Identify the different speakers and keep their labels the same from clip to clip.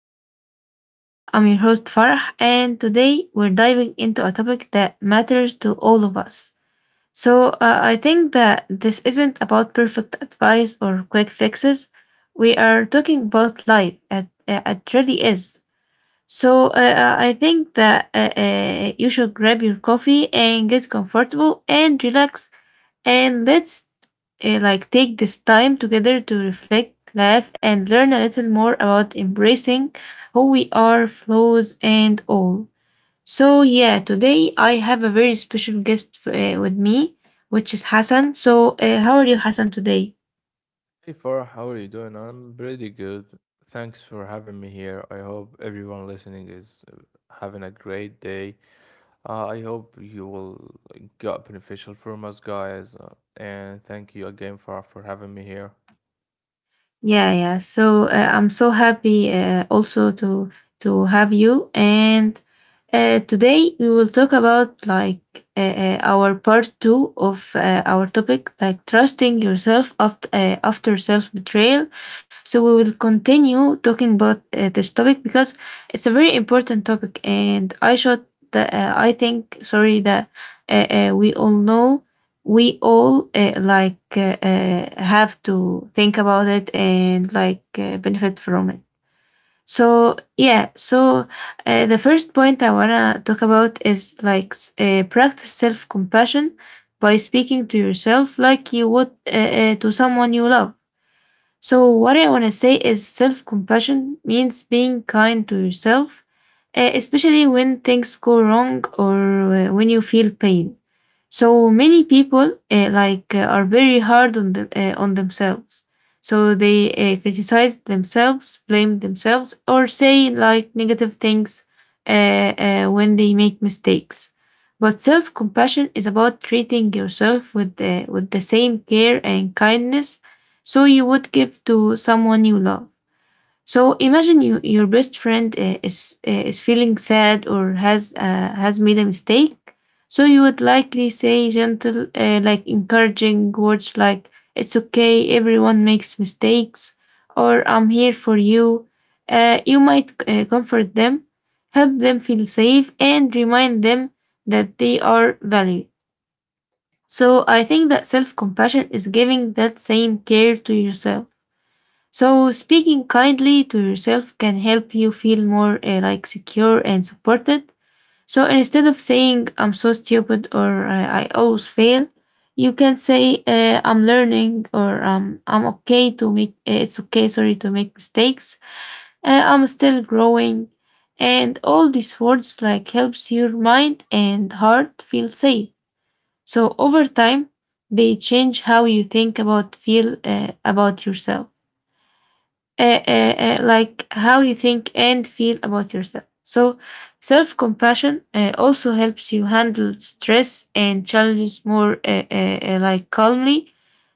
Speaker 1: podcast today. I'm your host Farah, and today we're diving into a topic that matters to all of us. I think that this isn't about perfect advice or quick fixes. We are talking about life, it really is. I think that you should grab your coffee and get comfortable and relax, and like take this time together to reflect, laugh, and learn a little more about embracing who we are, flaws, and all. So, yeah, today I have a very special guest with me, which is Hassan. So, how are you, Hassan, today?
Speaker 2: Hey Farah, how are you doing? I'm pretty good. Thanks for having me here. I hope everyone listening is having a great day. I hope you will got beneficial from us, guys. And thank you again, Farah, for having me here.
Speaker 1: Yeah, yeah. So I'm so happy also to have you. And today we will talk about like our part two of our topic, like trusting yourself after after self betrayal. So we will continue talking about this topic because it's a very important topic, and I think sorry that we all know we all like have to think about it and like benefit from it so yeah so the first point I want to talk about is practice self-compassion by speaking to yourself like you would to someone you love so, what I want to say is self compassion means being kind to yourself, especially when things go wrong or when you feel pain. So, many people like are very hard on, on themselves. So, they criticize themselves, blame themselves, or say like negative things uh, when they make mistakes. But self compassion is about treating yourself with with the same care and kindness so you would give to someone you love. So imagine your best friend is feeling sad or has made a mistake. So you would likely say like encouraging words like "It's okay, everyone makes mistakes," or "I'm here for you." You might comfort them, help them feel safe, and remind them that they are valued. So I think that self compassion is giving that same care to yourself so speaking kindly to yourself can help you feel more like secure and supported. So instead of saying I'm so stupid or I always fail, you can say I'm learning or I'm okay to make it's okay sorry to make mistakes. I'm still growing, and all these words like helps your mind and heart feel safe. So over time, they change how you think about feel about yourself like how you think and feel about yourself. So, self compassion also helps you handle stress and challenges more like calmly.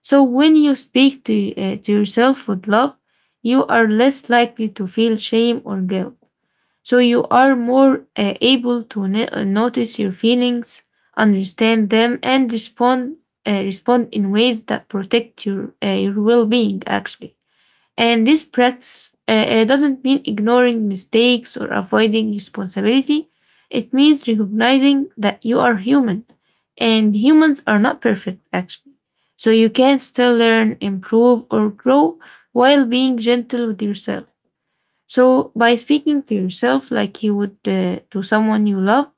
Speaker 1: So, when you speak to yourself with love, you are less likely to feel shame or guilt. So, you are more able to notice your feelings, understand them, and respond in ways that protect your well being, actually. And this practice doesn't mean ignoring mistakes or avoiding responsibility. It means recognizing that you are human and humans are not perfect, actually. So you can still learn, improve, or grow while being gentle with yourself. So by speaking to yourself like you would to someone you love,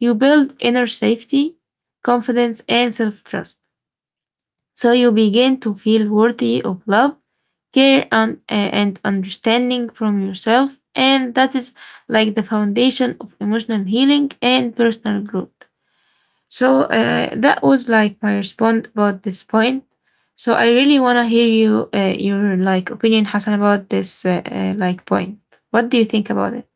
Speaker 1: you build inner safety, confidence, and self trust. So you begin to feel worthy of love, care, and understanding from yourself. And that is like the foundation of emotional healing and personal growth. So that was like my response about this point. So I really want to hear your like opinion, Hassan, about this like point. What do you think about it?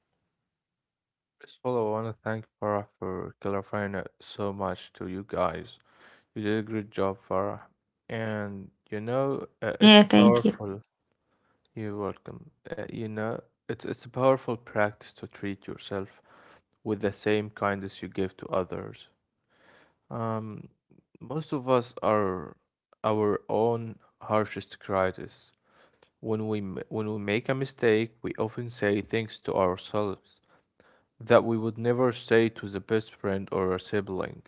Speaker 2: First of all, I want to thank Farah for clarifying it so much to you guys. You did a great job, Farah. And you know, it's
Speaker 1: Yeah,
Speaker 2: a
Speaker 1: thank you.
Speaker 2: powerful. You're welcome. You know, it's a powerful practice to treat yourself with the same kindness you give to others. Um, Most of us are our own harshest critics. When when we make a mistake, we often say things to ourselves that we would never say to the best friend or a sibling,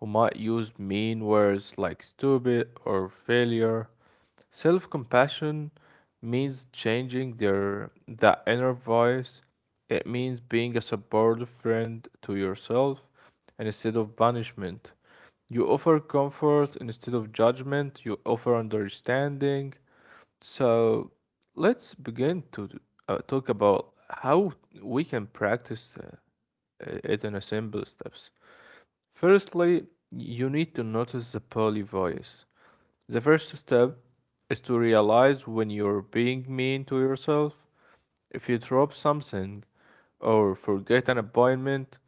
Speaker 2: who might use mean words like stupid or failure. Self compassion means changing their, the inner voice. It means being a supportive friend to yourself and instead of punishment. You offer comfort instead of judgment, you offer understanding. So let's begin to talk about how we can practice it in a simple steps. Firstly, you need to notice the poly voice. The first step is to realize when you're being mean to yourself. If you drop something or forget an appointment,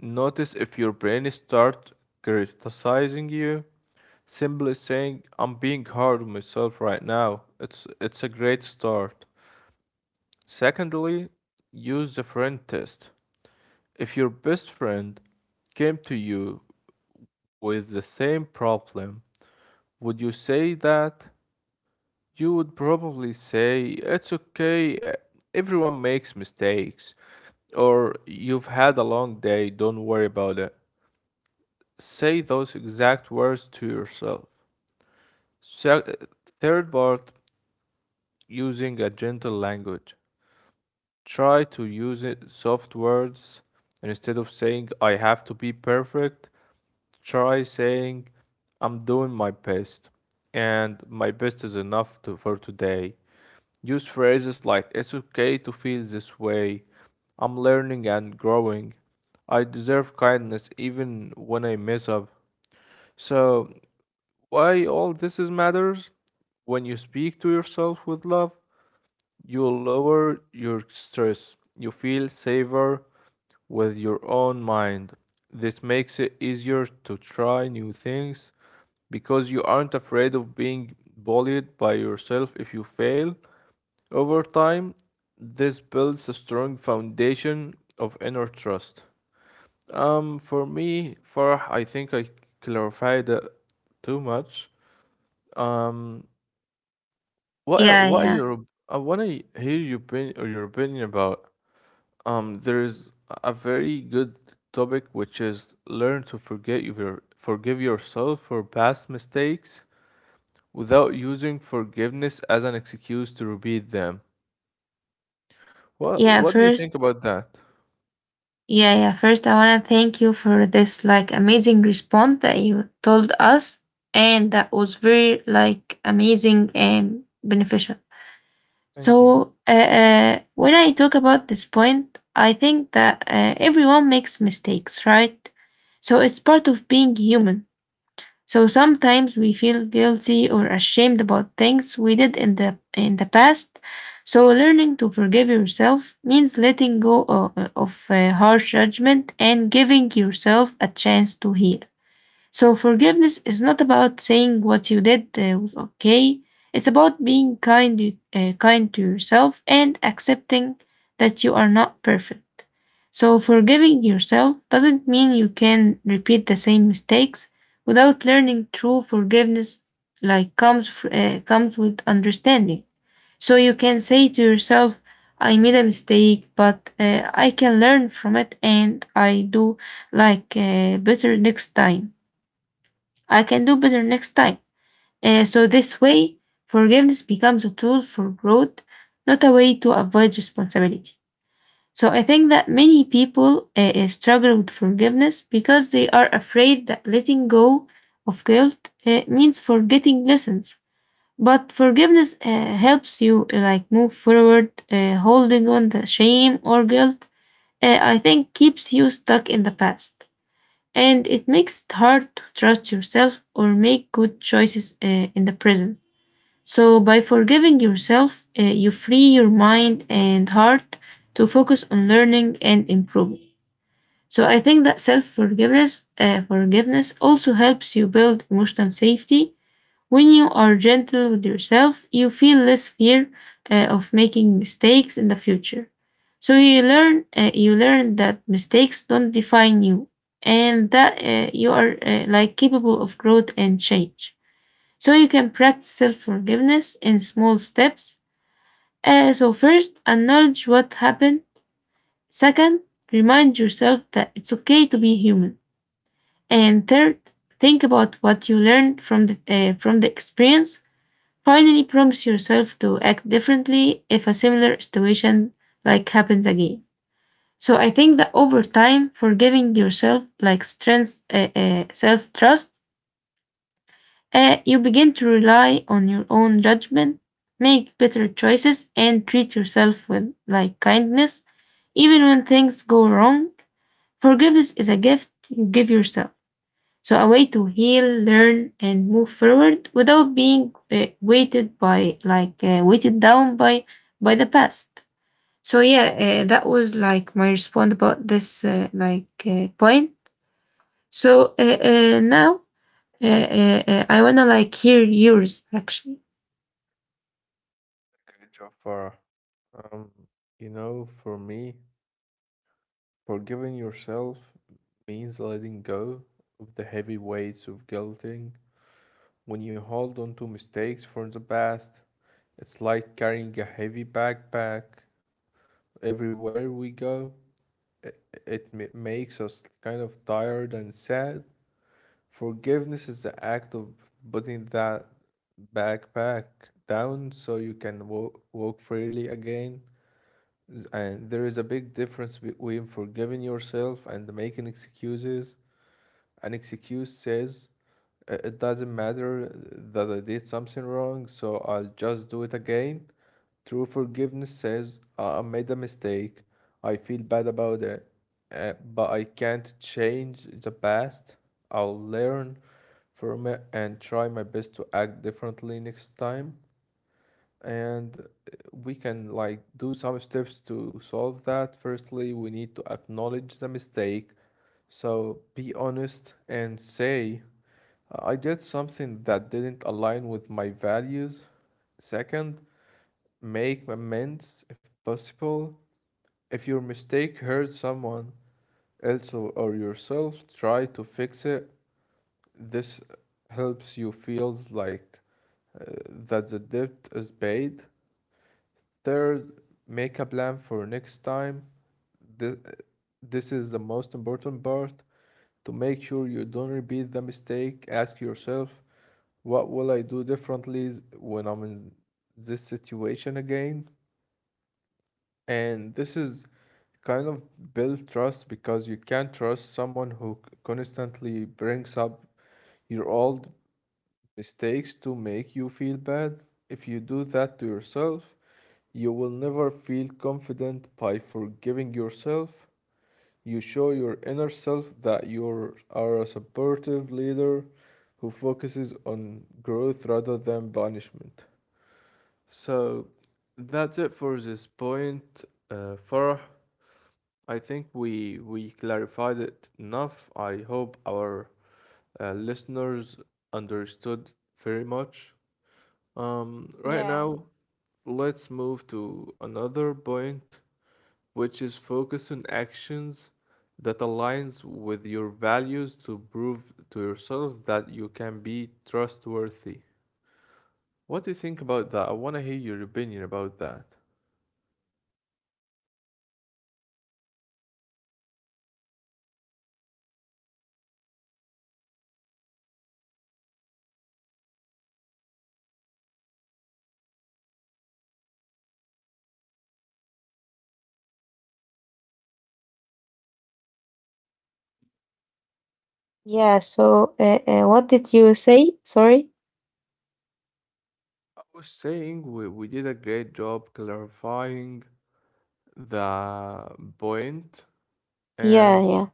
Speaker 2: notice if your brain starts criticizing you. Simply saying I'm being hard on myself right now. It's a great start. Secondly, use the friend test. If your best friend came to you with the same problem, would you say that? You would probably say, "It's okay, everyone makes mistakes." Or, "You've had a long day, don't worry about it." Say those exact words to yourself. Se- Third part, using a gentle language. Try to use it, soft words. Instead of saying, "I have to be perfect," try saying, "I'm doing my best. And my best is enough to, for today." Use phrases like, "It's okay to feel this way, I'm learning and growing, I deserve kindness even when I mess up." So, why all this is matters? When you speak to yourself with love, you lower your stress. You feel safer with your own mind. This makes it easier to try new things because you aren't afraid of being bullied by yourself if you fail. Over time, this builds a strong foundation of inner trust. For me, Farah, I think I clarified it too much. Um,
Speaker 1: Yeah,
Speaker 2: what are
Speaker 1: yeah.
Speaker 2: your I want to hear your opinion or your opinion about. There is a very good topic which is learn to forget your forgive yourself for past mistakes without using forgiveness as an excuse to repeat them. What
Speaker 1: Yeah,
Speaker 2: what do you think
Speaker 1: first
Speaker 2: about that?
Speaker 1: Yeah, yeah. First, I want to thank you for this like amazing response that you told us, and that was very like amazing and beneficial.
Speaker 2: Thank you.
Speaker 1: So, when I talk about this point, I think that everyone makes mistakes, right? So it's part of being human. So sometimes we feel guilty or ashamed about things we did in the past. So learning to forgive yourself means letting go of harsh judgment and giving yourself a chance to heal. So forgiveness is not about saying what you did was okay. It's about being kind to yourself and accepting that you are not perfect. So forgiving yourself doesn't mean you can repeat the same mistakes without learning true forgiveness like comes with understanding. So you can say to yourself, I made a mistake, but I can learn from it and I do like better next time. I can do better next time. So, this way, forgiveness becomes a tool for growth, not a way to avoid responsibility. So, I think that many people struggle with forgiveness because they are afraid that letting go of guilt means forgetting lessons. But forgiveness helps you like move forward, holding on the shame or guilt. I think keeps you stuck in the past and it makes it hard to trust yourself or make good choices in the present. So, by forgiving yourself, you free your mind and heart to focus on learning and improving. So, I think that self forgiveness also helps you build emotional safety when you are gentle with yourself, you feel less fear of making mistakes in the future. So you learn that mistakes don't define you and that you are like capable of growth and change. So you can practice self-forgiveness in small steps. So first, acknowledge what happened. Second, remind yourself that it's okay to be human. And third, think about what you learned from the experience. Finally, promise yourself to act differently if a similar situation like happens again. So I think that over time, forgiving yourself like strengths self trust, you begin to rely on your own judgment, make better choices, and treat yourself with like kindness, even when things go wrong. Forgiveness is a gift you give yourself. So, a way to heal, learn, and move forward without being weighted weighted down by the past. So, yeah, that was like my response about this point. So, now I wanna like hear yours actually.
Speaker 2: Okay, Jafar. Um, you know, for me, forgiving yourself means letting go of the heavy weights of guilting. When you hold on to mistakes from the past, it's like carrying a heavy backpack everywhere we go. It, Makes us kind of tired and sad. Forgiveness is the act of putting that backpack down so you can walk freely again. And there is a big difference between forgiving yourself and making excuses. An excuse says, It doesn't matter that I did something wrong, so I'll just do it again." True forgiveness says, I made a mistake, I feel bad about it, but I can't change the past. I'll learn from it and try my best to act differently next time." And we can like do some steps to solve that. Firstly, we need to acknowledge the mistake. So be honest and say, "I did something that didn't align with my values." Second, make amends if possible. If your mistake hurt someone else or yourself, try to fix it. This helps you feels like uh, that the debt is paid. Third, make a plan for next time. Th- this is the most important part. To make sure you don't repeat the mistake, ask yourself, what will I do differently when I'm in this situation again? And this is kind of build trust because you can't trust someone who constantly brings up your old mistakes to make you feel bad. If you do that to yourself, you will never feel confident by forgiving yourself. You show your inner self that you are a supportive leader who focuses on growth rather than punishment. So that's it for this point, Farah. I think we clarified it enough. I hope our listeners understood very much. Right
Speaker 1: Yeah,
Speaker 2: now, let's move to another point, which is focus on actions that aligns with your values to prove to yourself that you can be trustworthy. What do you think about that? I want to hear your opinion about that.
Speaker 1: yeah. So, what did you say? Sorry.
Speaker 2: I was saying we did a great job clarifying the point,
Speaker 1: Yeah,
Speaker 2: and
Speaker 1: yeah,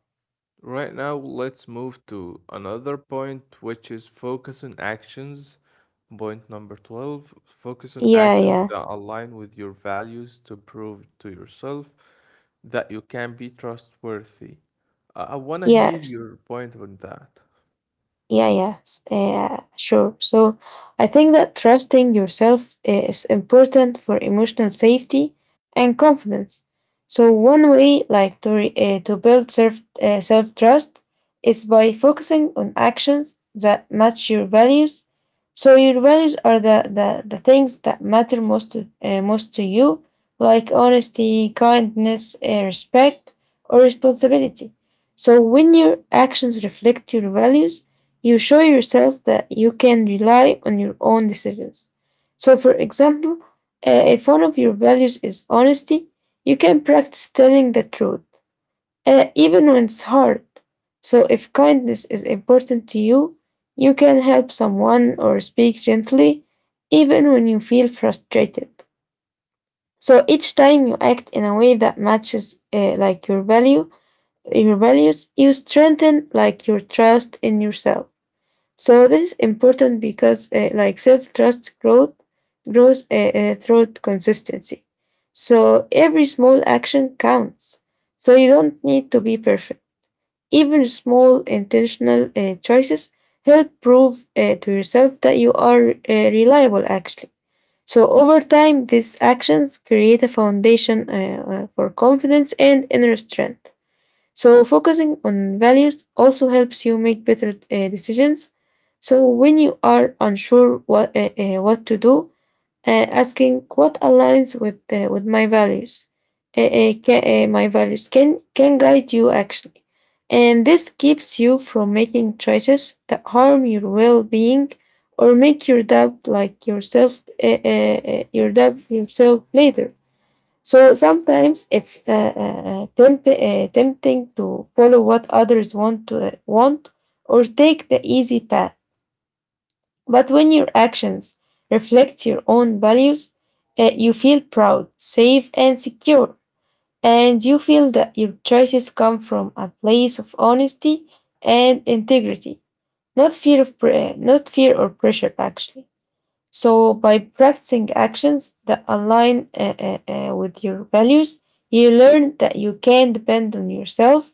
Speaker 2: right now, let's move to another point, which is focus on actions. Point number 12, focus on
Speaker 1: yeah,
Speaker 2: actions
Speaker 1: yeah,
Speaker 2: that align with your values to prove to yourself that you can be trustworthy. I want to hear
Speaker 1: yeah.
Speaker 2: your point on that.
Speaker 1: Yeah, yes, yeah, sure. So I think that trusting yourself is important for emotional safety and confidence. So one way, like to to build self trust, is by focusing on actions that match your values. So your values are the things that matter most most to you, like honesty, kindness, respect, or responsibility. So when your actions reflect your values you show yourself that you can rely on your own decisions. So, for example, if one of your values is honesty, you can practice telling the truth, even when it's hard. So, if kindness is important to you, you can help someone or speak gently, even when you feel frustrated. So each time you act in a way that matches like your values, you strengthen like your trust in yourself. So this is important because, like self-trust growth grows through consistency. So every small action counts. So you don't need to be perfect. Even small intentional choices help prove to yourself that you are reliable. Actually, so over time, these actions create a foundation for confidence and inner strength. So, focusing on values also helps you make better decisions. So, when you are unsure what to do, asking what aligns with my values, my values can guide you actually. And this keeps you from making choices that harm your well being or make your doubt like yourself, your doubt yourself later. So sometimes it's tempting to follow what others want or take the easy path. But when your actions reflect your own values, you feel proud, safe, and secure. And you feel that your choices come from a place of honesty and integrity, not not fear or pressure actually. So by practicing actions that align with your values, you learn that you can depend on yourself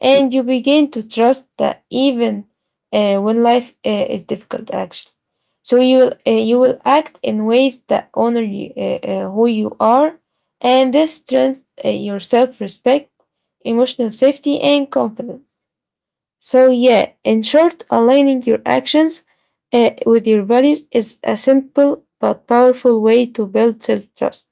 Speaker 1: and you begin to trust that even when life is difficult actually. So you will act in ways that honor who you are, and this strengthens your self-respect, emotional safety, and confidence. So yeah, in short, aligning your actions with your values is a simple but powerful way to build self-trust.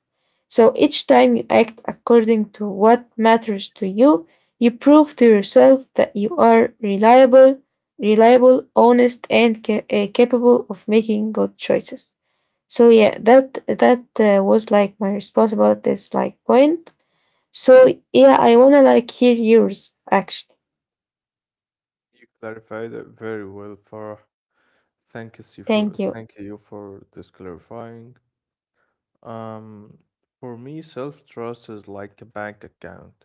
Speaker 1: So each time you act according to what matters to you, you prove to yourself that you are reliable, honest, and capable of making good choices. So yeah, that was like my response about this like point. So yeah, I wanna like hear yours actually.
Speaker 2: You clarified it very well, Farah.
Speaker 1: Thank you.
Speaker 2: Thank you for this clarifying. Um, for me, self-trust is like a bank account.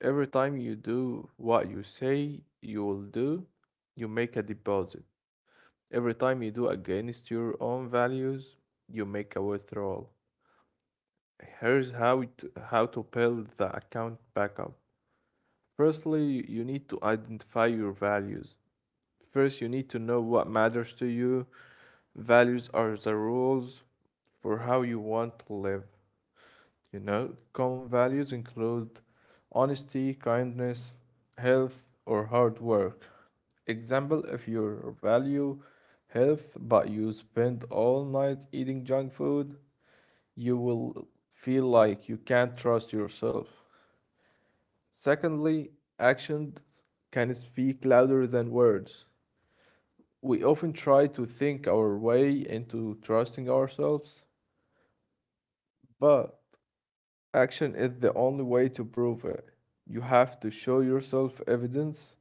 Speaker 2: Every time you do what you say you will do, you make a deposit. Every time you do against your own values, you make a withdrawal. Here's how to build the account back up. Firstly, you need to identify your values. First, you need to know what matters to you. Values are the rules for how you want to live. You know, common values include honesty, kindness, health, or hard work. Example, if your value health but you spend all night eating junk food, you will feel like you can't trust yourself. Secondly, actions can speak louder than words. We often try to think our way into trusting ourselves, but action is the only way to prove it. You have to show yourself evidence.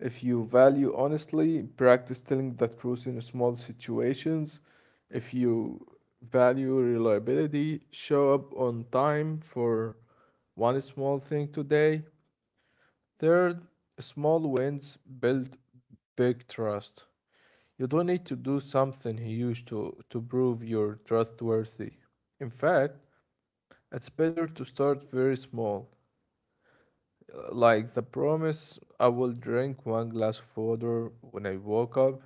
Speaker 2: If you value honestly, practice telling the truth in small situations. If you value reliability, show up on time for one small thing today. Third, small wins build big trust. You don't need to do something huge to prove you're trustworthy. In fact, it's better to start very small. Like the promise, I will drink one glass of water when I woke up,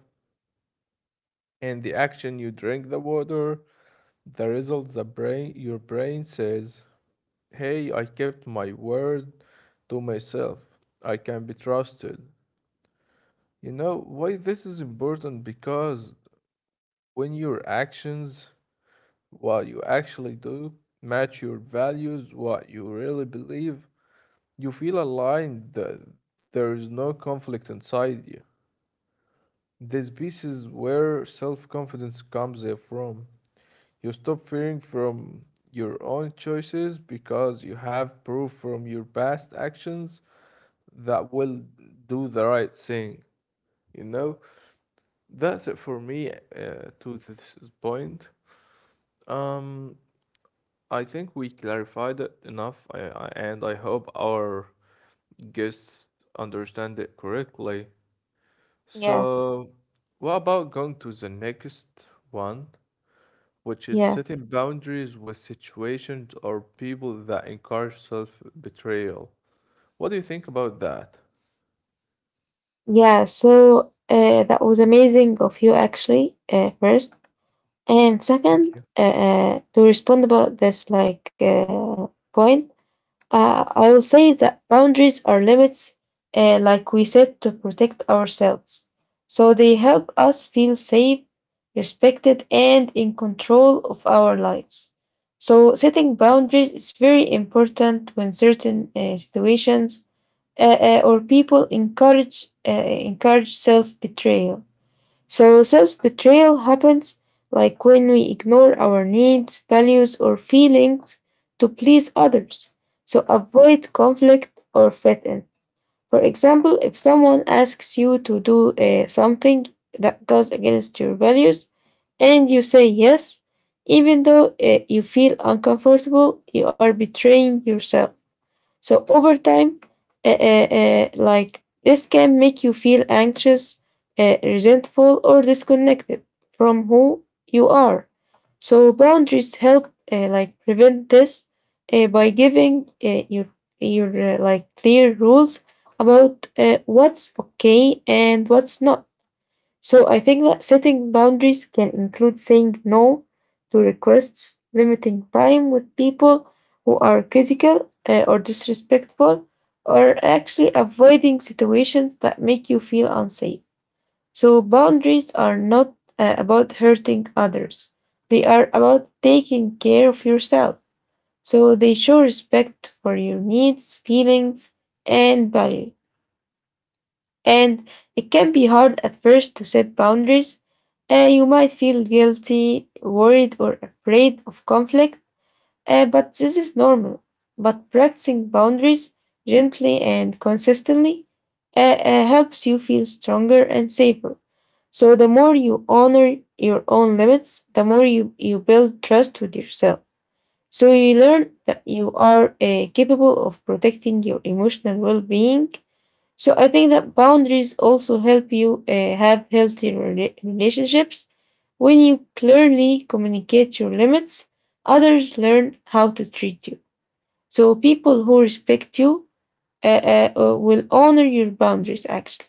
Speaker 2: and the action you drink the water, the result the brain your brain says, "Hey, I kept my word to myself. I can be trusted." You know why this is important? Because when your actions, what you actually do, match your values, what you really believe, you feel aligned. There is no conflict inside you. The space is where self-confidence comes from. You stop fearing from your own choices because you have proof from your past actions that will do the right thing. You know, that's it for me to this point. Um, I think we clarified it enough, and I hope our guests understand it correctly.
Speaker 1: Yeah.
Speaker 2: So, what about going to the next one? Which is
Speaker 1: Yeah,
Speaker 2: setting boundaries with situations or people that encourage self betrayal. What do you think about that?
Speaker 1: yeah. So that was amazing of you, actually. First and
Speaker 2: Thank
Speaker 1: second,
Speaker 2: you.
Speaker 1: to respond about this like point, I will say that boundaries are limits, like we said, to protect ourselves. So they help us feel safe, respected, and in control of our lives. So setting boundaries is very important when certain situations or people encourage self betrayal. So self betrayal happens like when we ignore our needs, values, or feelings to please others. So avoid conflict or fit in. For example, if someone asks you to do something that goes against your values, and you say yes, even though you feel uncomfortable, you are betraying yourself. So over time, like this can make you feel anxious, resentful, or disconnected from who you are. So boundaries help like prevent this by giving your like clear rules about what's okay and what's not. So I think that setting boundaries can include saying no to requests, limiting time with people who are critical or disrespectful, or actually avoiding situations that make you feel unsafe. So boundaries are not about hurting others. They are about taking care of yourself. So they show respect for your needs, feelings, and values. And it can be hard at first to set boundaries. You might feel guilty, worried, or afraid of conflict, but this is normal. But practicing boundaries gently and consistently helps you feel stronger and safer. So, the more you honor your own limits, the more you build trust with yourself. So, you learn that you are capable of protecting your emotional well being, so I think that boundaries also help you have healthy relationships. When you clearly communicate your limits, others learn how to treat you. So people who respect you will honor your boundaries actually.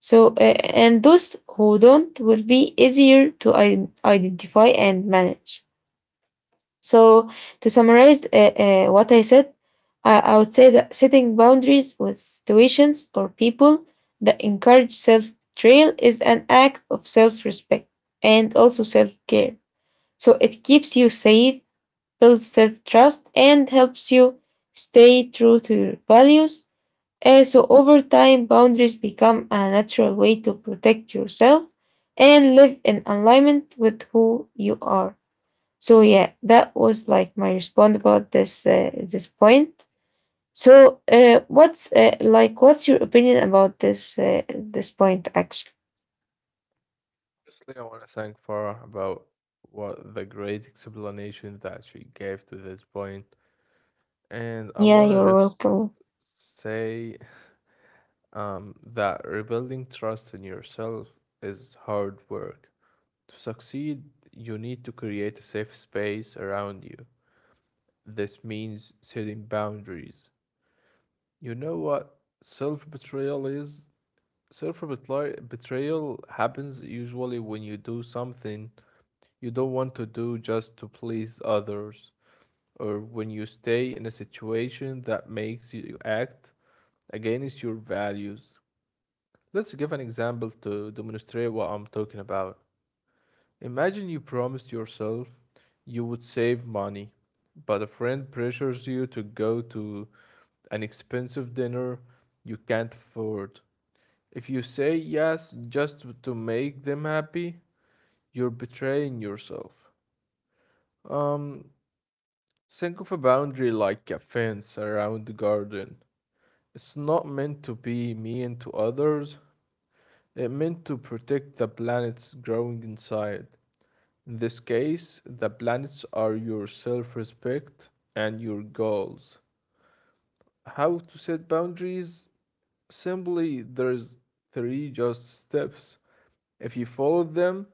Speaker 1: So and those who don't will be easier to identify and manage. So to summarize what I said, I would say that setting boundaries with situations or people that encourage self betrayal is an act of self respect and also self care. So it keeps you safe, builds self trust, and helps you stay true to your values. So over time, boundaries become a natural way to protect yourself and live in alignment with who you are. So yeah, that was like my response about this this point. So what's like what's your opinion about this this point actually?
Speaker 2: Firstly, I want to thank Farah about what the great explanation that she gave to this point, and I
Speaker 1: Yeah,
Speaker 2: want to
Speaker 1: you're
Speaker 2: just
Speaker 1: welcome.
Speaker 2: say that rebuilding trust in yourself is hard work. To succeed, you need to create a safe space around you. This means setting boundaries. You know what self betrayal is? Self betrayal happens usually when you do something you don't want to do just to please others, or when you stay in a situation that makes you act against your values. Let's give an example to demonstrate what I'm talking about. Imagine you promised yourself you would save money, but a friend pressures you to go to an expensive dinner you can't afford. If you say yes just to make them happy, you're betraying yourself. Um, think of a boundary like a fence around the garden. It's not meant to be mean to others, it meant to protect the planets growing inside. In this case, the planets are your self respect and your goals. How to set boundaries? Simply, there's three just steps. If you follow them,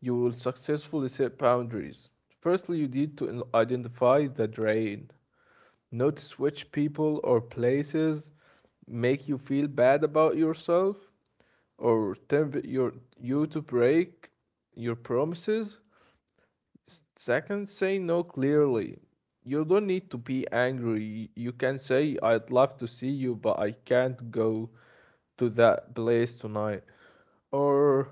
Speaker 2: you will successfully set boundaries. Firstly, you need to identify the drain. Notice which people or places make you feel bad about yourself or tempt you to break your promises. Second, say no clearly. You don't need to be angry. You can say, "I'd love to see you, but I can't go to that place tonight." Or,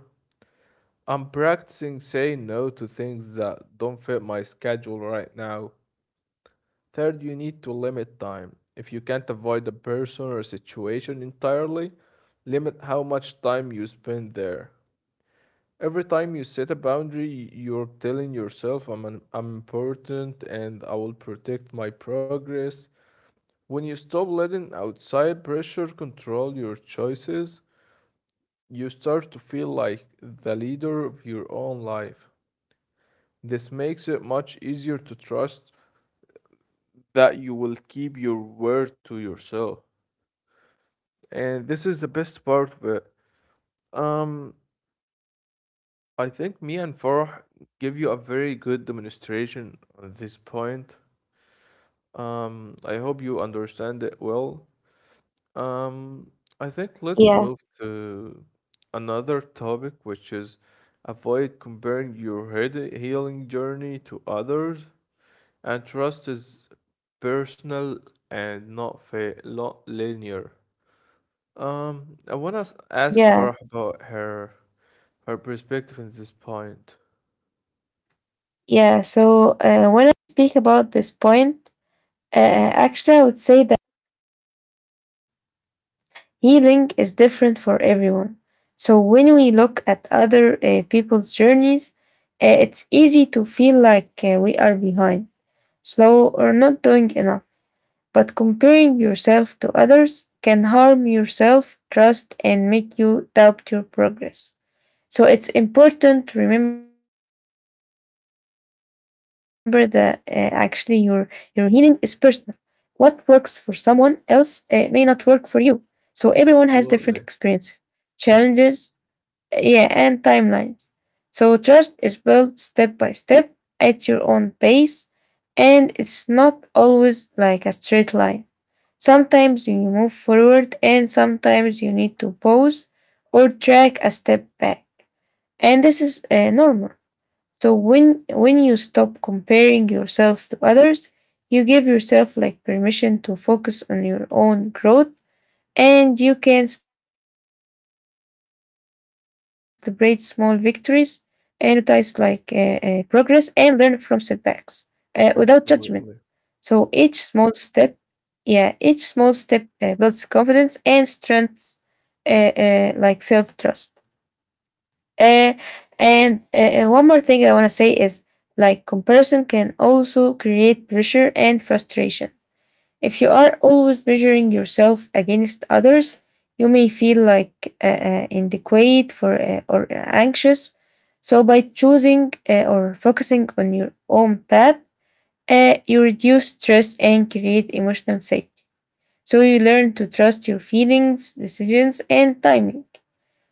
Speaker 2: "I'm practicing saying no to things that don't fit my schedule right now." Third, you need to limit time. If you can't avoid a person or situation entirely, limit how much time you spend there. Every time you set a boundary, you're telling yourself I'm important and I will protect my progress. When you stop letting outside pressure control your choices, you start to feel like the leader of your own life. This makes it much easier to trust that you will keep your word to yourself. And this is the best part of it. Um, I think me and Farah give you a very good demonstration on this point. I hope you understand it well. Um, I think let's
Speaker 1: Yeah,
Speaker 2: move to another topic, which is avoid comparing your head healing journey to others. And trust is personal and not linear. I want to ask
Speaker 1: yeah,
Speaker 2: Farah about her perspective in this point.
Speaker 1: yeah. So when I speak about this point, actually, I would say that healing is different for everyone. So when we look at other people's journeys, it's easy to feel like we are behind, slow, or not doing enough. But comparing yourself to others can harm your self trust and make you doubt your progress. So it's important to remember that actually your healing is personal. What works for someone else may not work for you. So everyone has different experiences,
Speaker 2: Absolutely,
Speaker 1: challenges, yeah, and timelines. So trust is built step by step at your own pace, and it's not always like a straight line. Sometimes you move forward and sometimes you need to pause or track a step back. And this is normal. So when you stop comparing yourself to others, you give yourself like permission to focus on your own growth, and you can celebrate small victories and notice like progress and learn from setbacks without judgment. So each
Speaker 2: absolutely.
Speaker 1: small step, yeah, each small step builds confidence and strengths like self trust. Uh, and One more thing I want to say is like comparison can also create pressure and frustration. If you are always measuring yourself against others, you may feel like inadequate or anxious. So, by choosing or focusing on your own path, you reduce stress and create emotional safety. So, you learn to trust your feelings, decisions, and timing.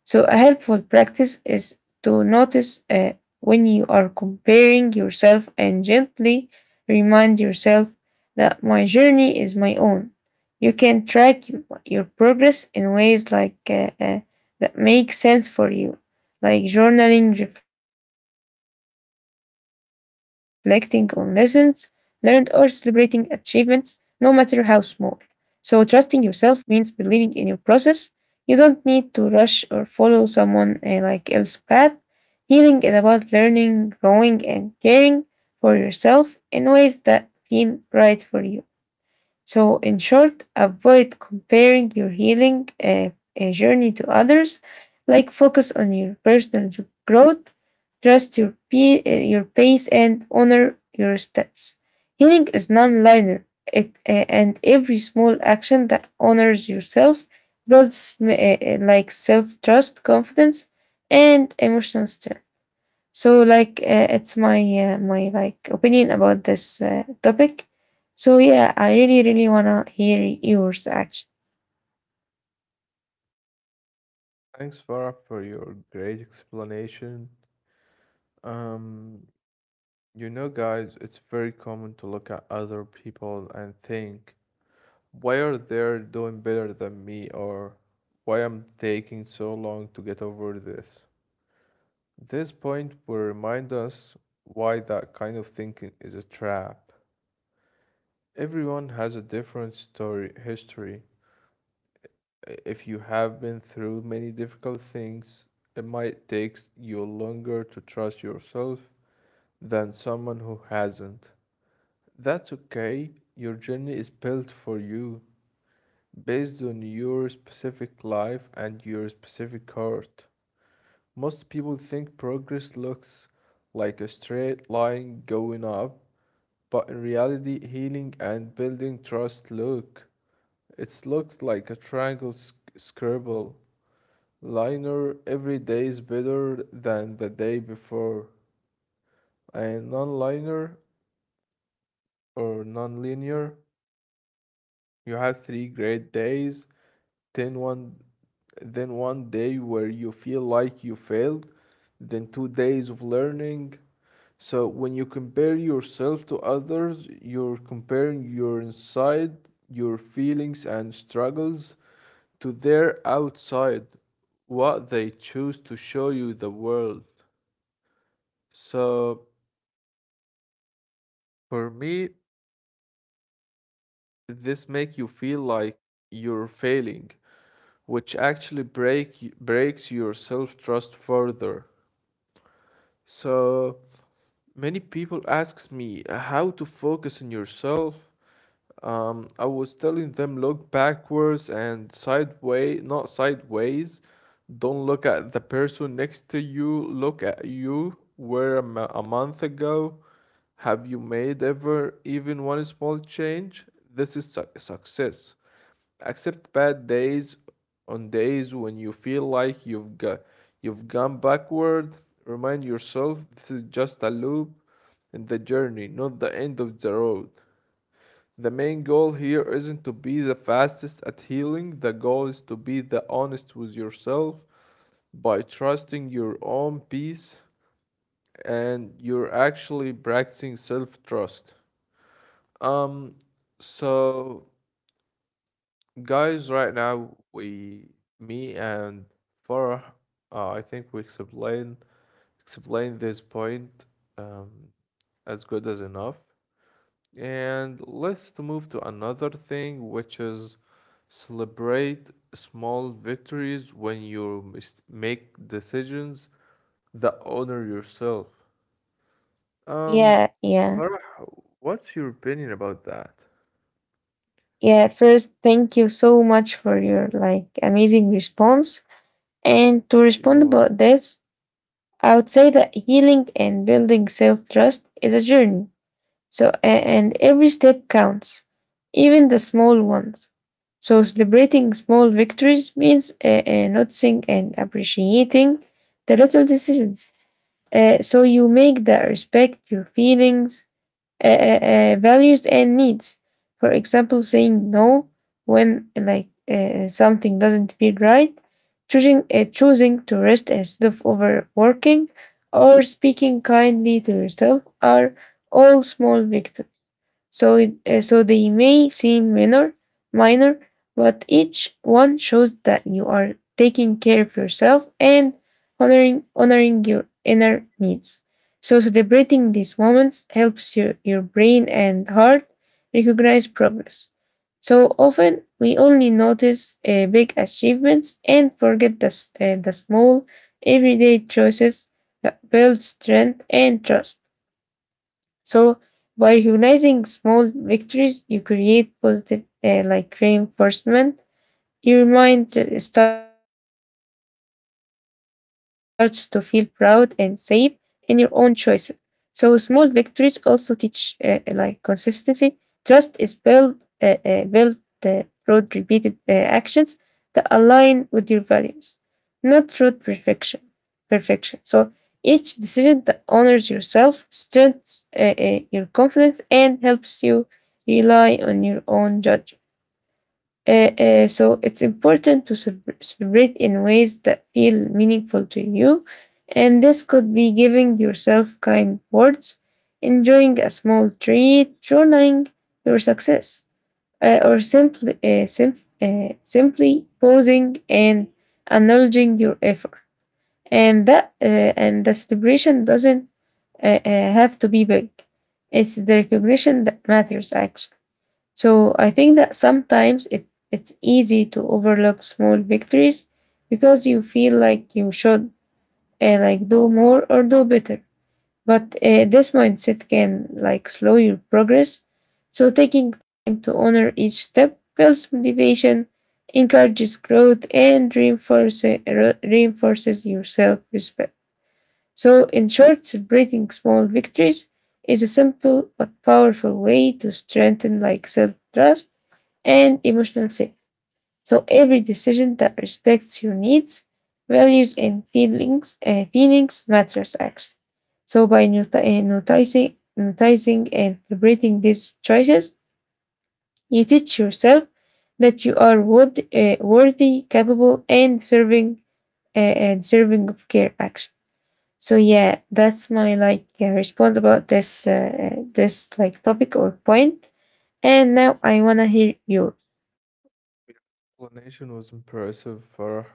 Speaker 1: So, a helpful practice is to notice when you are comparing yourself and gently remind yourself that my journey is my own. You can track your progress in ways like that make sense for you, like journaling, reflecting on lessons learned, or celebrating achievements, no matter how small. So, trusting yourself means believing in your process. You don't need to rush or follow someone like else's path. Healing is about learning, growing, and caring for yourself in ways that feel right for you. So, in short, avoid comparing your healing journey to others. Like, focus on your personal growth, trust your pace, and honor your steps. Healing is non linear, and every small action that honors yourself builds like self trust, confidence, and emotional strength. So, like, it's my my like opinion about this topic. So yeah, I really really wanna hear yours actually.
Speaker 2: Thanks, Farah, for your great explanation. Um, you know, guys, it's very common to look at other people and think why are they doing better than me or why I'm taking so long to get over this. This point will remind us why that kind of thinking is a trap. Everyone has a different story history. If you have been through many difficult things, it might take you longer to trust yourself than someone who hasn't. That's okay. Your journey is built for you, based on your specific life and your specific heart. Most people think progress looks like a straight line going up, but in reality, healing and building trust look. It looks like a triangle scribble. Liner, every day is better than the day before, and non-liner or non-linear, you have three great days, then one, then 1 day where you feel like you failed, then 2 days of learning. So when you compare yourself to others, you're comparing your inside, your feelings and struggles, to their outside, what they choose to show you the world. So for me, this make you feel like you're failing, which actually breaks your self-trust further. So many people asks me how to focus on yourself. I was telling them look backwards and sideways, not sideways. Don't look at the person next to you. Look at you. Where a month ago, have you made ever even one small change? This is success. Accept bad days on days when you feel like you've gone backward. Remind yourself this is just a loop in the journey, not the end of the road. The main goal here isn't to be the fastest at healing. The goal is to be the honest with yourself by trusting your own peace, and you're actually practicing self-trust. Um so Guys, right now we, me and Farah, I think we explain this point um, as good as enough. And let's to move to another thing, which is celebrate small victories when you make decisions that honor yourself. Um,
Speaker 1: Yeah, yeah,
Speaker 2: Farah, what's your opinion about that?
Speaker 1: yeah. First, thank you so much for your like amazing response. And to
Speaker 2: You
Speaker 1: respond
Speaker 2: know,
Speaker 1: about this, I would say that healing and building self trust is a journey. So, and every step counts, even the small ones. So, celebrating small victories means noticing and appreciating the little decisions. So, you make that respect your feelings, uh, uh, values, and needs. For example, saying no when like something doesn't feel right, choosing to rest instead of overworking, or speaking kindly to yourself are all small victories. So, so they may seem minor, but each one shows that you are taking care of yourself and honoring your inner needs. So celebrating these moments helps your brain and heart recognize progress. So often we only notice big achievements and forget the small everyday choices that build strength and trust. So by humanizing small victories, you create positive like reinforcement. Your mind starts to feel proud and safe in your own choices. So small victories also teach like consistency. Trust is built uh, uh, built through repeated actions that align with your values, not through perfection. So each decision that honors yourself strengthens your confidence and helps you rely on your own judgment. So it's important to celebrate in ways that feel meaningful to you. And this could be giving yourself kind words, enjoying a small treat, journaling your success, or simply, simply pausing and acknowledging your effort. And that uh, and the celebration doesn't have to be big. It's the recognition that matters, actually. So I think that sometimes it's easy to overlook small victories because you feel like you should like do more or do better. But this mindset can like slow your progress. So taking time to honor each step builds motivation, encourages growth, and reinforces your self respect. So in short, celebrating small victories is a simple but powerful way to strengthen like self trust and emotional safety. So every decision that respects your needs, values, and feelings matters actually. So by noticing and celebrating these choices, you teach yourself that you are worthy, capable, and uh, serving of care action. So yeah, that's my like response about this this like topic or point. And now I wanna hear yours.
Speaker 2: your explanation was impressive, Farah.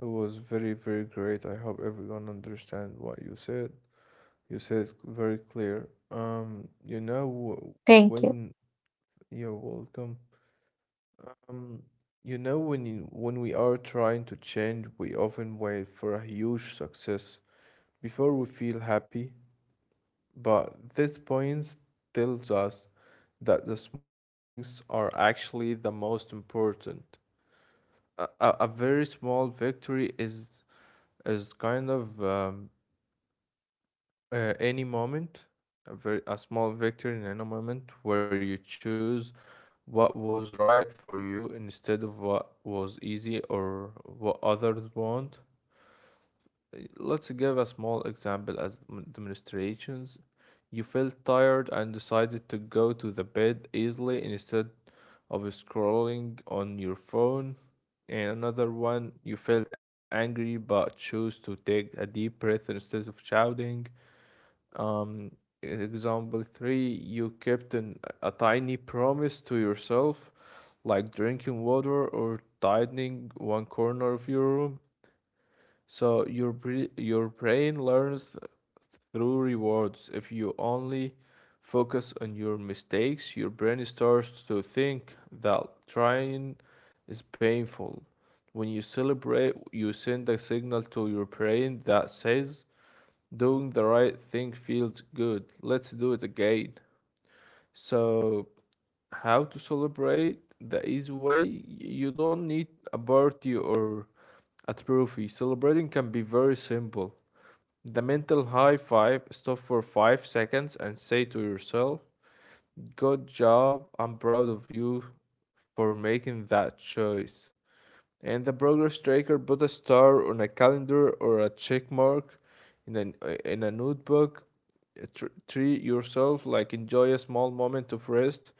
Speaker 2: It was very, very great. I hope everyone understand what you said. You said it very clear. You know, w-
Speaker 1: Thank you.
Speaker 2: when you're welcome. Um, you know, when when we are trying to change, we often wait for a huge success before we feel happy. But this point tells us that the small things are actually the most important. A very small victory is kind of any moment, a small victory in any moment where you choose what was right for you instead of what was easy or what others want. Let's give a small example as demonstrations. You felt tired and decided to go to the bed easily instead of scrolling on your phone. And another one, you felt angry but chose to take a deep breath instead of shouting. Um, Example three, you a tiny promise to yourself, like drinking water or tidying one corner of your room. So your your brain learns through rewards. If you only focus on your mistakes, your brain starts to think that trying is painful. When you celebrate, you send a signal to your brain that says, doing the right thing feels good. Let's do it again. So, how to celebrate the easy way? You don't need a party or a trophy. Celebrating can be very simple. The mental high five, stop for 5 seconds and say to yourself, good job, I'm proud of you for making that choice. And the progress tracker, put a star on a calendar or a check mark in a notebook. Treat yourself, like enjoy a small moment of rest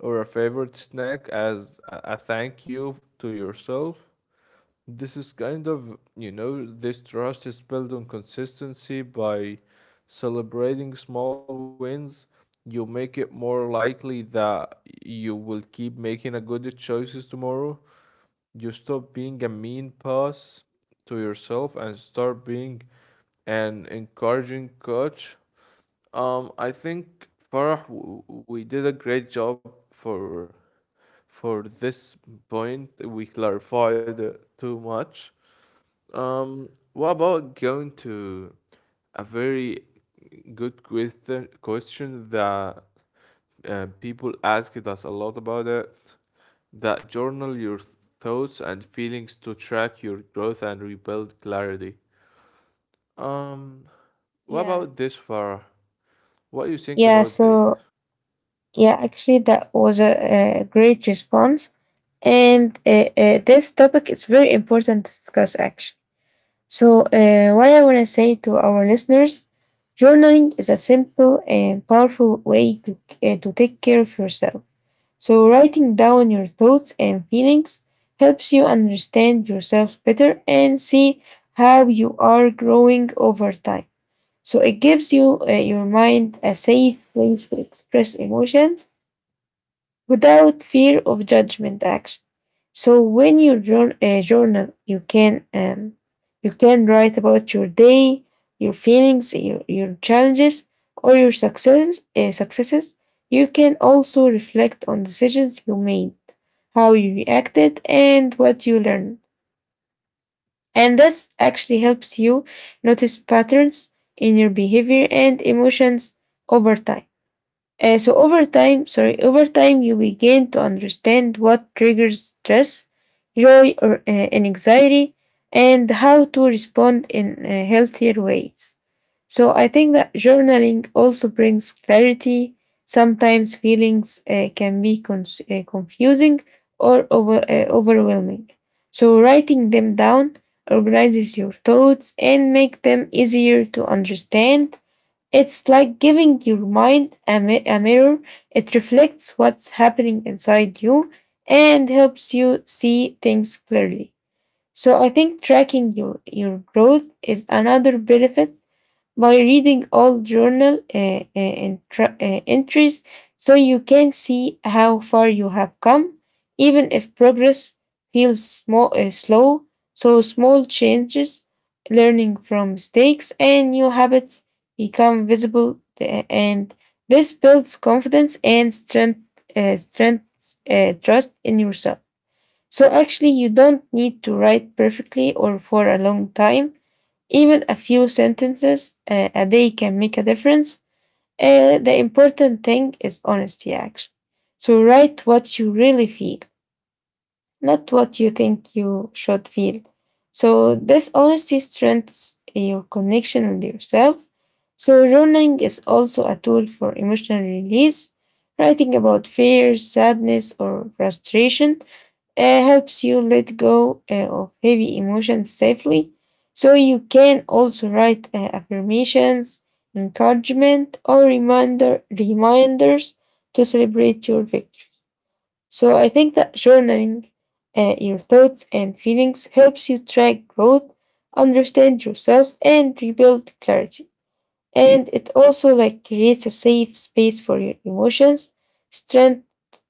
Speaker 2: or a favorite snack as a thank you to yourself. This is kind of, you know, this trust is built on consistency by celebrating small wins. You make it more likely that you will keep making a good choices tomorrow. You stop being a mean boss to yourself and start being an encouraging coach. I think Farah, we did a great job for this point. We clarified it too much. What about going to a very good question that people asked us a lot about it? That journal your thoughts and feelings to track your growth and rebuild clarity. Um, what
Speaker 1: Yeah.
Speaker 2: about this, Farah? What do you think
Speaker 1: Yeah,
Speaker 2: about this?
Speaker 1: so yeah, actually, that was a great response. And This topic is very important to discuss, actually. So, what I want to say to our listeners, journaling is a simple and powerful way to take care of yourself. So, writing down your thoughts and feelings helps you understand yourself better and see how you are growing over time. So it gives you your mind a safe place to express emotions without fear of judgment action. So when you journal, you can write about your day, your feelings, your challenges, or your successes. You can also reflect on decisions you made, how you reacted, and what you learned. And this actually helps you notice patterns in your behavior and emotions over time. Over time you begin to understand what triggers stress, joy, or anxiety, and how to respond in healthier ways. So I think that journaling also brings clarity. Sometimes feelings can be confusing or overwhelming. So writing them down organizes your thoughts and make them easier to understand. It's like giving your mind a mirror. It reflects what's happening inside you and helps you see things clearly. So I think tracking your growth is another benefit by reading old journal entries, so you can see how far you have come, even if progress feels slow. So small changes, learning from mistakes, and new habits become visible, and this builds confidence and trust in yourself. So actually, you don't need to write perfectly or for a long time. Even a few sentences a day can make a difference. The important thing is honesty, actually. So write what you really feel, not what you think you should feel. So this honesty strengthens your connection with yourself. So journaling is also a tool for emotional release. Writing about fears, sadness, or frustration helps you let go of heavy emotions safely. So you can also write affirmations, encouragement, or reminders to celebrate your victories. So I think that journaling your thoughts and feelings helps you track growth, understand yourself, and rebuild clarity, and it also like creates a safe space for your emotions, strength,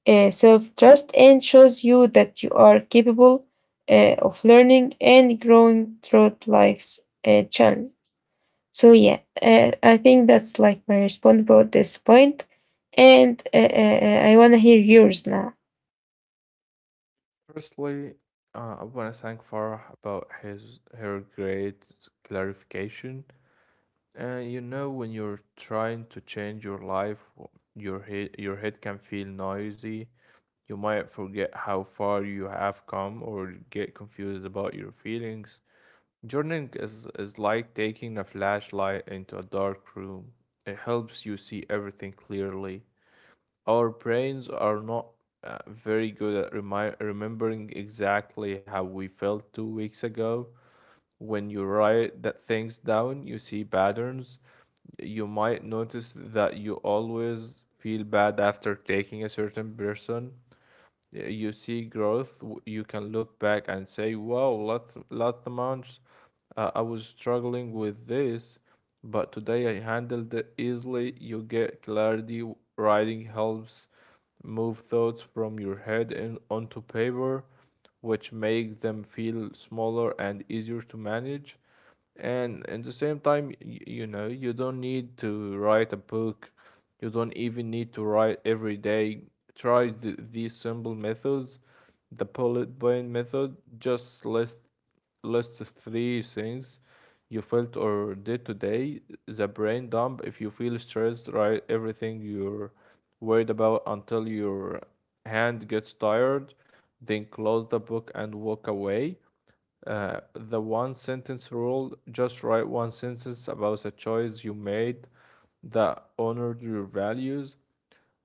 Speaker 1: self-trust, and shows you that you are capable of learning and growing throughout life's journey. So yeah, I think that's like my response about this point, and I want to hear yours now.
Speaker 2: Firstly, I want to thank Farah about his her great clarification. You know, when you're trying to change your life, your head can feel noisy. You might forget how far you have come or get confused about your feelings. Journaling is like taking a flashlight into a dark room. It helps you see everything clearly. Our brains are not very good at remembering exactly how we felt 2 weeks ago. When you write that things down, you see patterns. You might notice that you always feel bad after taking a certain person. You see growth. You can look back and say, "Wow, last month I was struggling with this, but today I handled it easily." You get clarity. Writing helps move thoughts from your head and onto paper, which makes them feel smaller and easier to manage. And at the same time, you know, you don't need to write a book. You don't even need to write every day. Try th these simple methods, the bullet point method. Just list the three things you felt or did today. The brain dump. If you feel stressed, write everything you're worried about until your hand gets tired. Then close the book and walk away. The one sentence rule, just write one sentence about a choice you made that honored your values.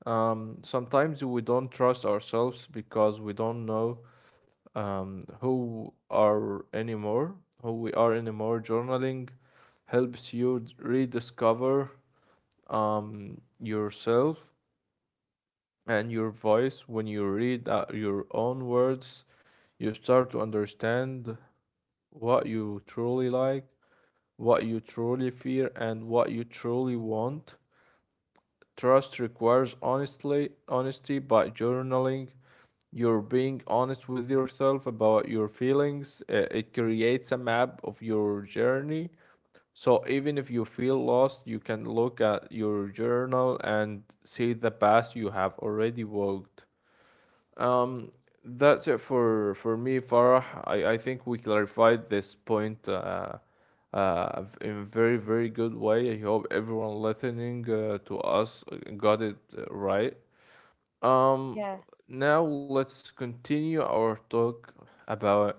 Speaker 2: Sometimes we don't trust ourselves because we don't know um, who are anymore, who we are anymore. Journaling helps you rediscover yourself and your voice. When you read your own words, you start to understand what you truly like, what you truly fear and what you truly want. Trust requires honestly honesty by journaling. You're being honest with yourself about your feelings. It creates a map of your journey. So even if you feel lost, you can look at your journal and see the path you have already walked. Um, that's it for me, Farah. I think we clarified this point in a very, very good way. I hope everyone listening to us got it right. Um,
Speaker 1: Yeah.
Speaker 2: Now let's continue our talk about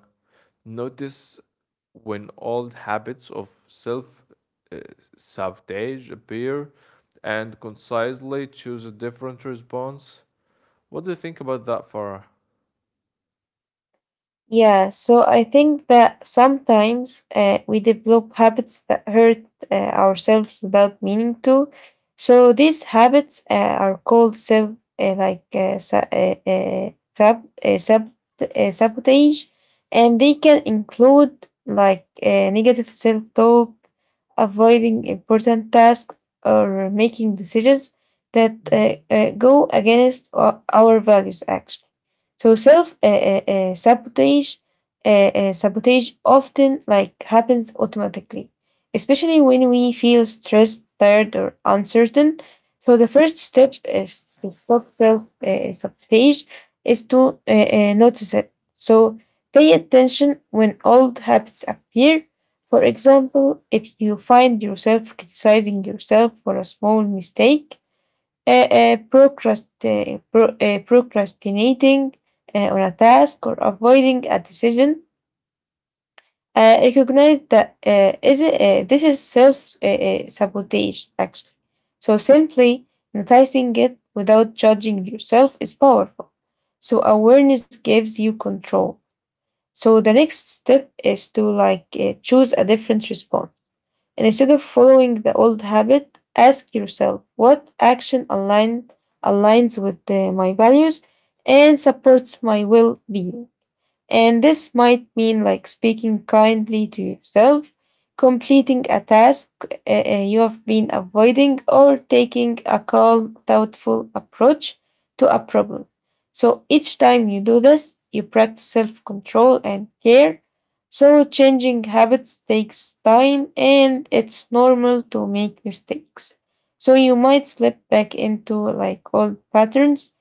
Speaker 2: notice when old habits of self uh, sabotage appear and concisely choose a different response. What do you think about that, Farah?
Speaker 1: Yeah, so I think that sometimes we develop habits that hurt ourselves without meaning to. So these habits are called self, like sa- sab, sab, sabotage, and they can include like negative self-talk, avoiding important tasks, or making decisions that go against our values, actually. So self uh, sabotage often like happens automatically, especially when we feel stressed, tired, or uncertain. So the first step is to stop self sabotage is to notice it. So pay attention when old habits appear. For example, if you find yourself criticizing yourself for a small mistake, procrastinating on a task, or avoiding a decision. Recognize that this is self sabotage, actually. So simply noticing it without judging yourself is powerful. So awareness gives you control. So the next step is to like choose a different response. And instead of following the old habit, ask yourself what aligns with my values and supports my well being. And this might mean like speaking kindly to yourself, completing a task you have been avoiding, or taking a calm, thoughtful approach to a problem. So each time you do this, you practice self control and care. So changing habits takes time and it's normal to make mistakes. So you might slip back into like old patterns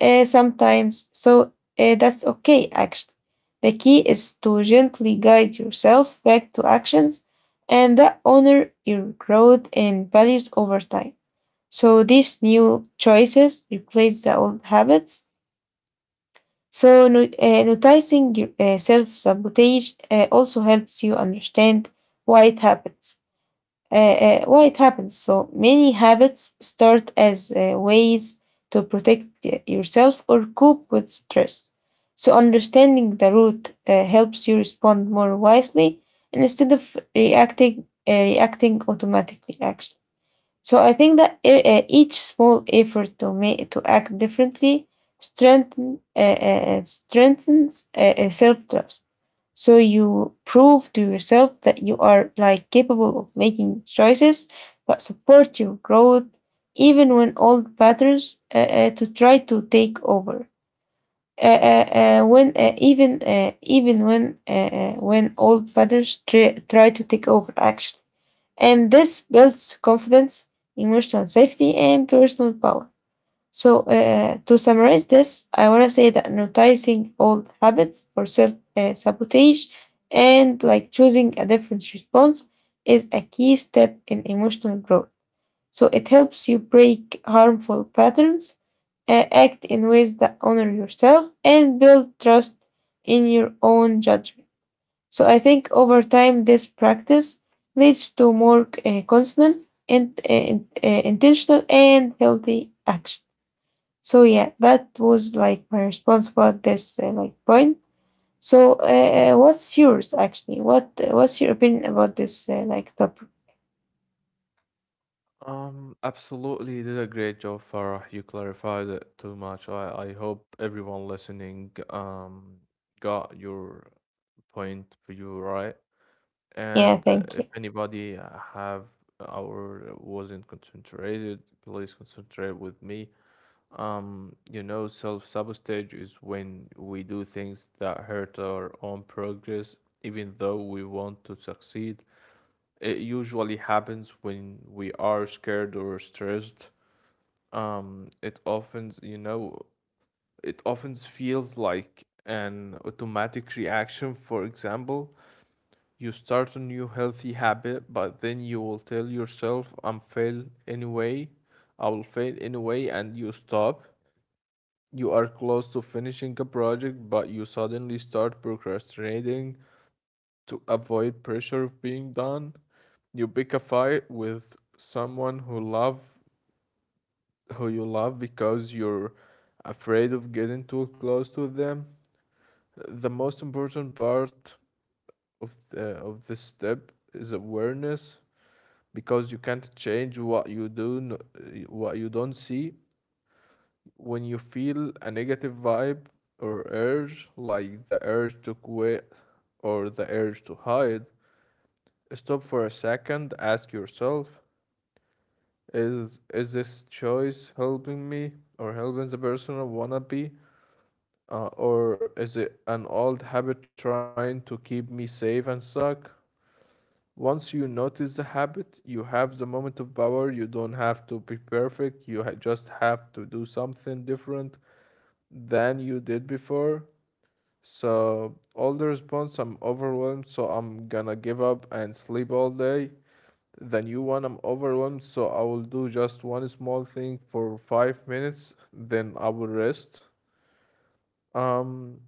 Speaker 1: sometimes, so that's okay, actually. The key is to gently guide yourself back to actions and that honor your growth and values over time. So these new choices replace the old habits. So noticing your self-sabotage also helps you understand why it happens. Why it happens? So many habits start as ways to protect yourself or cope with stress. So understanding the root helps you respond more wisely, and instead of reacting automatically, actually. So I think that each small effort to make to act differently strengthen uh, strengthens self trust. So you prove to yourself that you are like capable of making choices that support your growth, even when old patterns to try to take over. When even even when When old patterns try to take over, actually. And this builds confidence, emotional safety, and personal power. So, to summarize this, I want to say that noticing old habits or self sabotage and like choosing a different response is a key step in emotional growth. So it helps you break harmful patterns, act in ways that honor yourself, and build trust in your own judgment. So I think over time, this practice leads to more constant and intentional and healthy action. So yeah, that was like my response about this like point. So what's yours actually? What what's your opinion about this like topic?
Speaker 2: Absolutely, you did a great job, Farah. You clarified it too much. I hope everyone listening got your point for you right.
Speaker 1: Yeah,
Speaker 2: And
Speaker 1: thank
Speaker 2: if
Speaker 1: you.
Speaker 2: anybody have or wasn't concentrated, please concentrate with me. You know, self-sabotage is when we do things that hurt our own progress, even though we want to succeed. It usually happens when we are scared or stressed. It often, you know, it often feels like an automatic reaction. For example, you start a new healthy habit, but then you will tell yourself, I will fail anyway, and you stop. You are close to finishing a project, but you suddenly start procrastinating to avoid pressure of being done. You pick a fight with someone who you love because you're afraid of getting too close to them. The most important part of this step is awareness, because you can't change what what you don't see. When you feel a negative vibe or urge, like the urge to quit or the urge to hide, stop for a second, ask yourself, is this choice helping me or helping the person I wanna be? Or is it an old habit trying to keep me safe and stuck? Once you notice the habit, you have the moment of power. You don't have to be perfect. You ha just have to do something different than you did before. So all the response, I'm overwhelmed, so I'm gonna give up and sleep all day. The new one, I'm overwhelmed, so I will do just one small thing for 5 minutes, then I will rest. um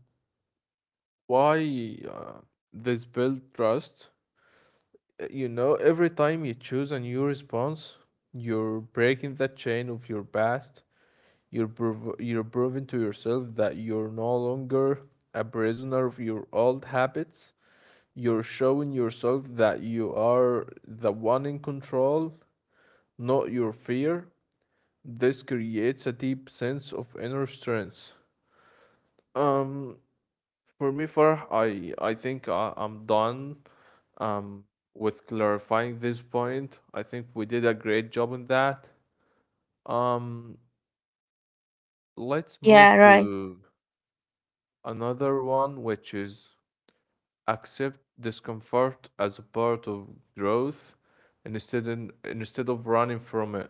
Speaker 2: why uh, this build trust? You know, every time you choose a new response, you're breaking that chain of your past. You're proving to yourself that you're no longer a prisoner of your old habits. You're showing yourself that you are the one in control, not your fear. This creates a deep sense of inner strength. Um, for me, Farah, I'm done um with clarifying this point. I think we did a great job on that. Um, let's
Speaker 1: Yeah,
Speaker 2: move
Speaker 1: right.
Speaker 2: to another one, which is accept discomfort as a part of growth instead of running from it.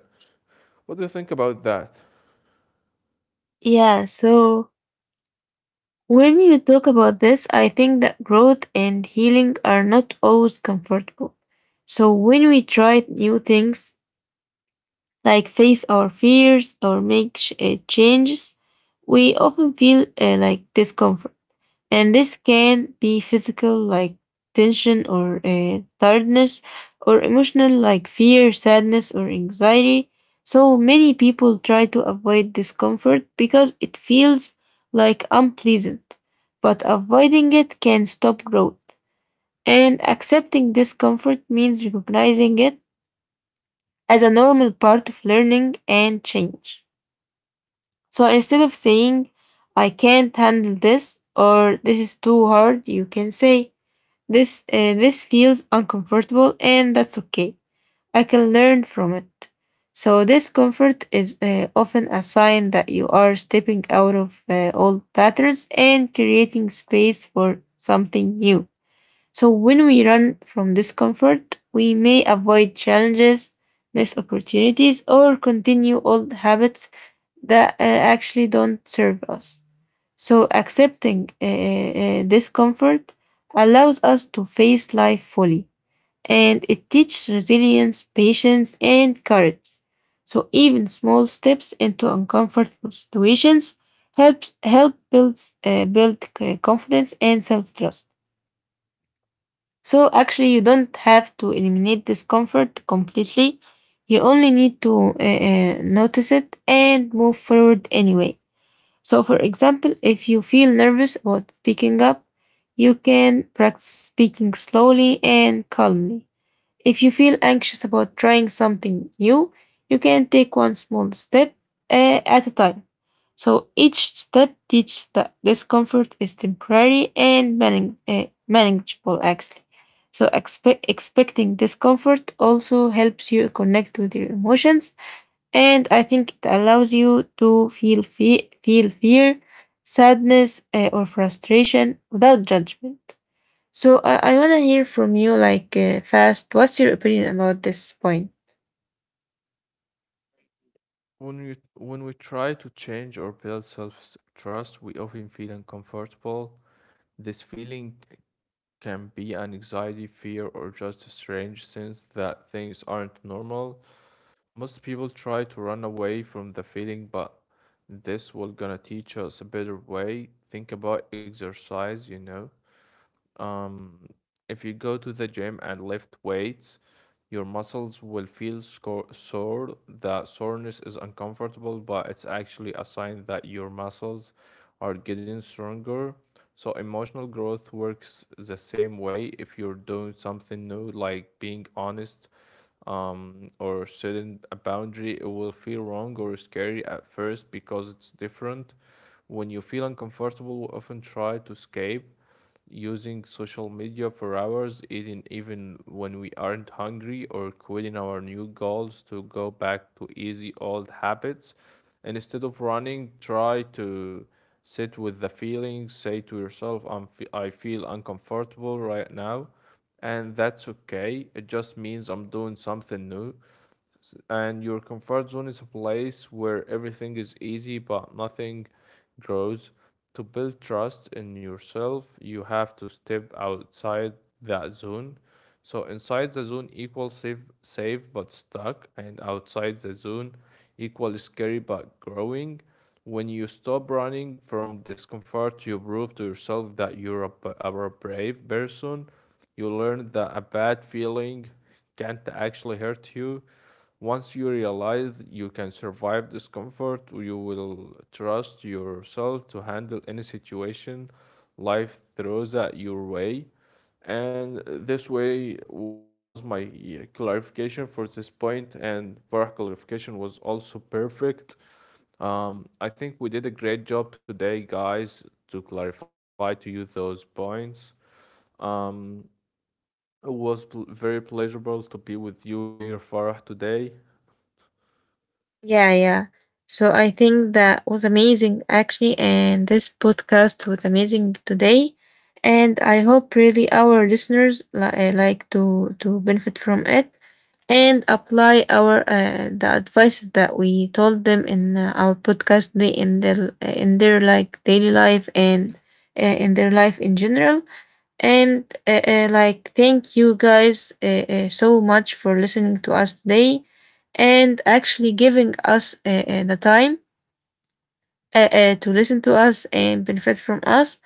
Speaker 2: What do you think about that?
Speaker 1: Yeah, so when you talk about this, I think that growth and healing are not always comfortable. So when we try new things, like face our fears or make changes, we often feel like discomfort. And this can be physical, like tension or tiredness, or emotional, like fear, sadness, or anxiety. So many people try to avoid discomfort because it feels like unpleasant. But avoiding it can stop growth. And accepting discomfort means recognizing it as a normal part of learning and change. So instead of saying, I can't handle this or this is too hard, you can say, this feels uncomfortable and that's okay. I can learn from it. So discomfort is often a sign that you are stepping out of old patterns and creating space for something new. So when we run from discomfort, we may avoid challenges, miss opportunities, or continue old habits that actually don't serve us. So accepting discomfort allows us to face life fully, and it teaches resilience, patience, and courage. So even small steps into uncomfortable situations help build confidence and self trust. So actually, you don't have to eliminate discomfort completely. You only need to notice it and move forward anyway. So, for example, if you feel nervous about speaking up, you can practice speaking slowly and calmly. If you feel anxious about trying something new, you can take one small step at a time. So each step teaches that discomfort is temporary and manageable, actually. So expecting discomfort also helps you connect with your emotions, and I think it allows you to feel fear, sadness, or frustration without judgment. So I want to hear from you, like fast. What's your opinion about this point?
Speaker 2: When we try to change or build self trust, we often feel uncomfortable. This feeling c- can be an anxiety, fear, or just a strange sense that things aren't normal. Most people try to run away from the feeling, but this will gonna teach us a better way. Think about exercise, you know. um, if you go to the gym and lift weights, your muscles will feel sore. The soreness is uncomfortable, but it's actually a sign that your muscles are getting stronger. So emotional growth works the same way. If you're doing something new, like being honest or setting a boundary, it will feel wrong or scary at first because it's different. When you feel uncomfortable, we often try to escape using social media for hours, eating even when we aren't hungry, or quitting our new goals to go back to easy old habits. And instead of running, try to sit with the feeling. Say to yourself, I feel uncomfortable right now, and that's okay. It just means I'm doing something new, and your comfort zone is a place where everything is easy but nothing grows. To build trust in yourself, you have to step outside that zone. So inside the zone equals safe, safe but stuck, and outside the zone equal scary but growing. When you stop running from discomfort, you prove to yourself that are a brave person. You learn that a bad feeling can't actually hurt you. Once you realize you can survive discomfort, you will trust yourself to handle any situation life throws at your way. And this way was my clarification for this point, and for clarification was also perfect. I think we did a great job today, guys, to clarify to you those points. Um, it was very pleasurable to be with you here, Farah, today.
Speaker 1: Yeah, yeah. So I think that was amazing, actually. And this podcast was amazing today. And I hope really our listeners like to benefit from it and apply our the advices that we told them in our podcast today in their in their like daily life and in their life in general. And like, thank you guys so much for listening to us today and actually giving us the time to listen to us and benefit from us.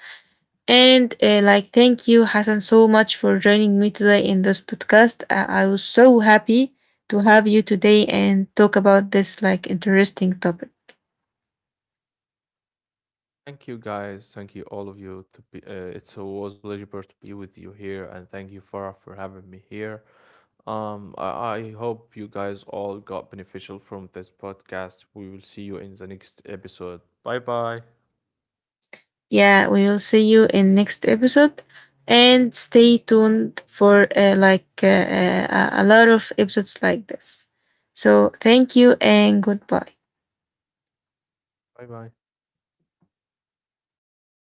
Speaker 1: And like, thank you, Hassan, so much for joining me today in this podcast. I was so happy to have you today and talk about this like interesting topic.
Speaker 2: Thank you, guys. Thank you, all of you. To be, it's always pleasurable to be with you here, and thank you, Farah, for having me here. Um, I, I hope you guys all got beneficial from this podcast. We will see you in the next episode. Bye bye.
Speaker 1: Yeah, we will see you in next episode and stay tuned for a lot of episodes like this. So thank you and goodbye.
Speaker 2: Bye bye.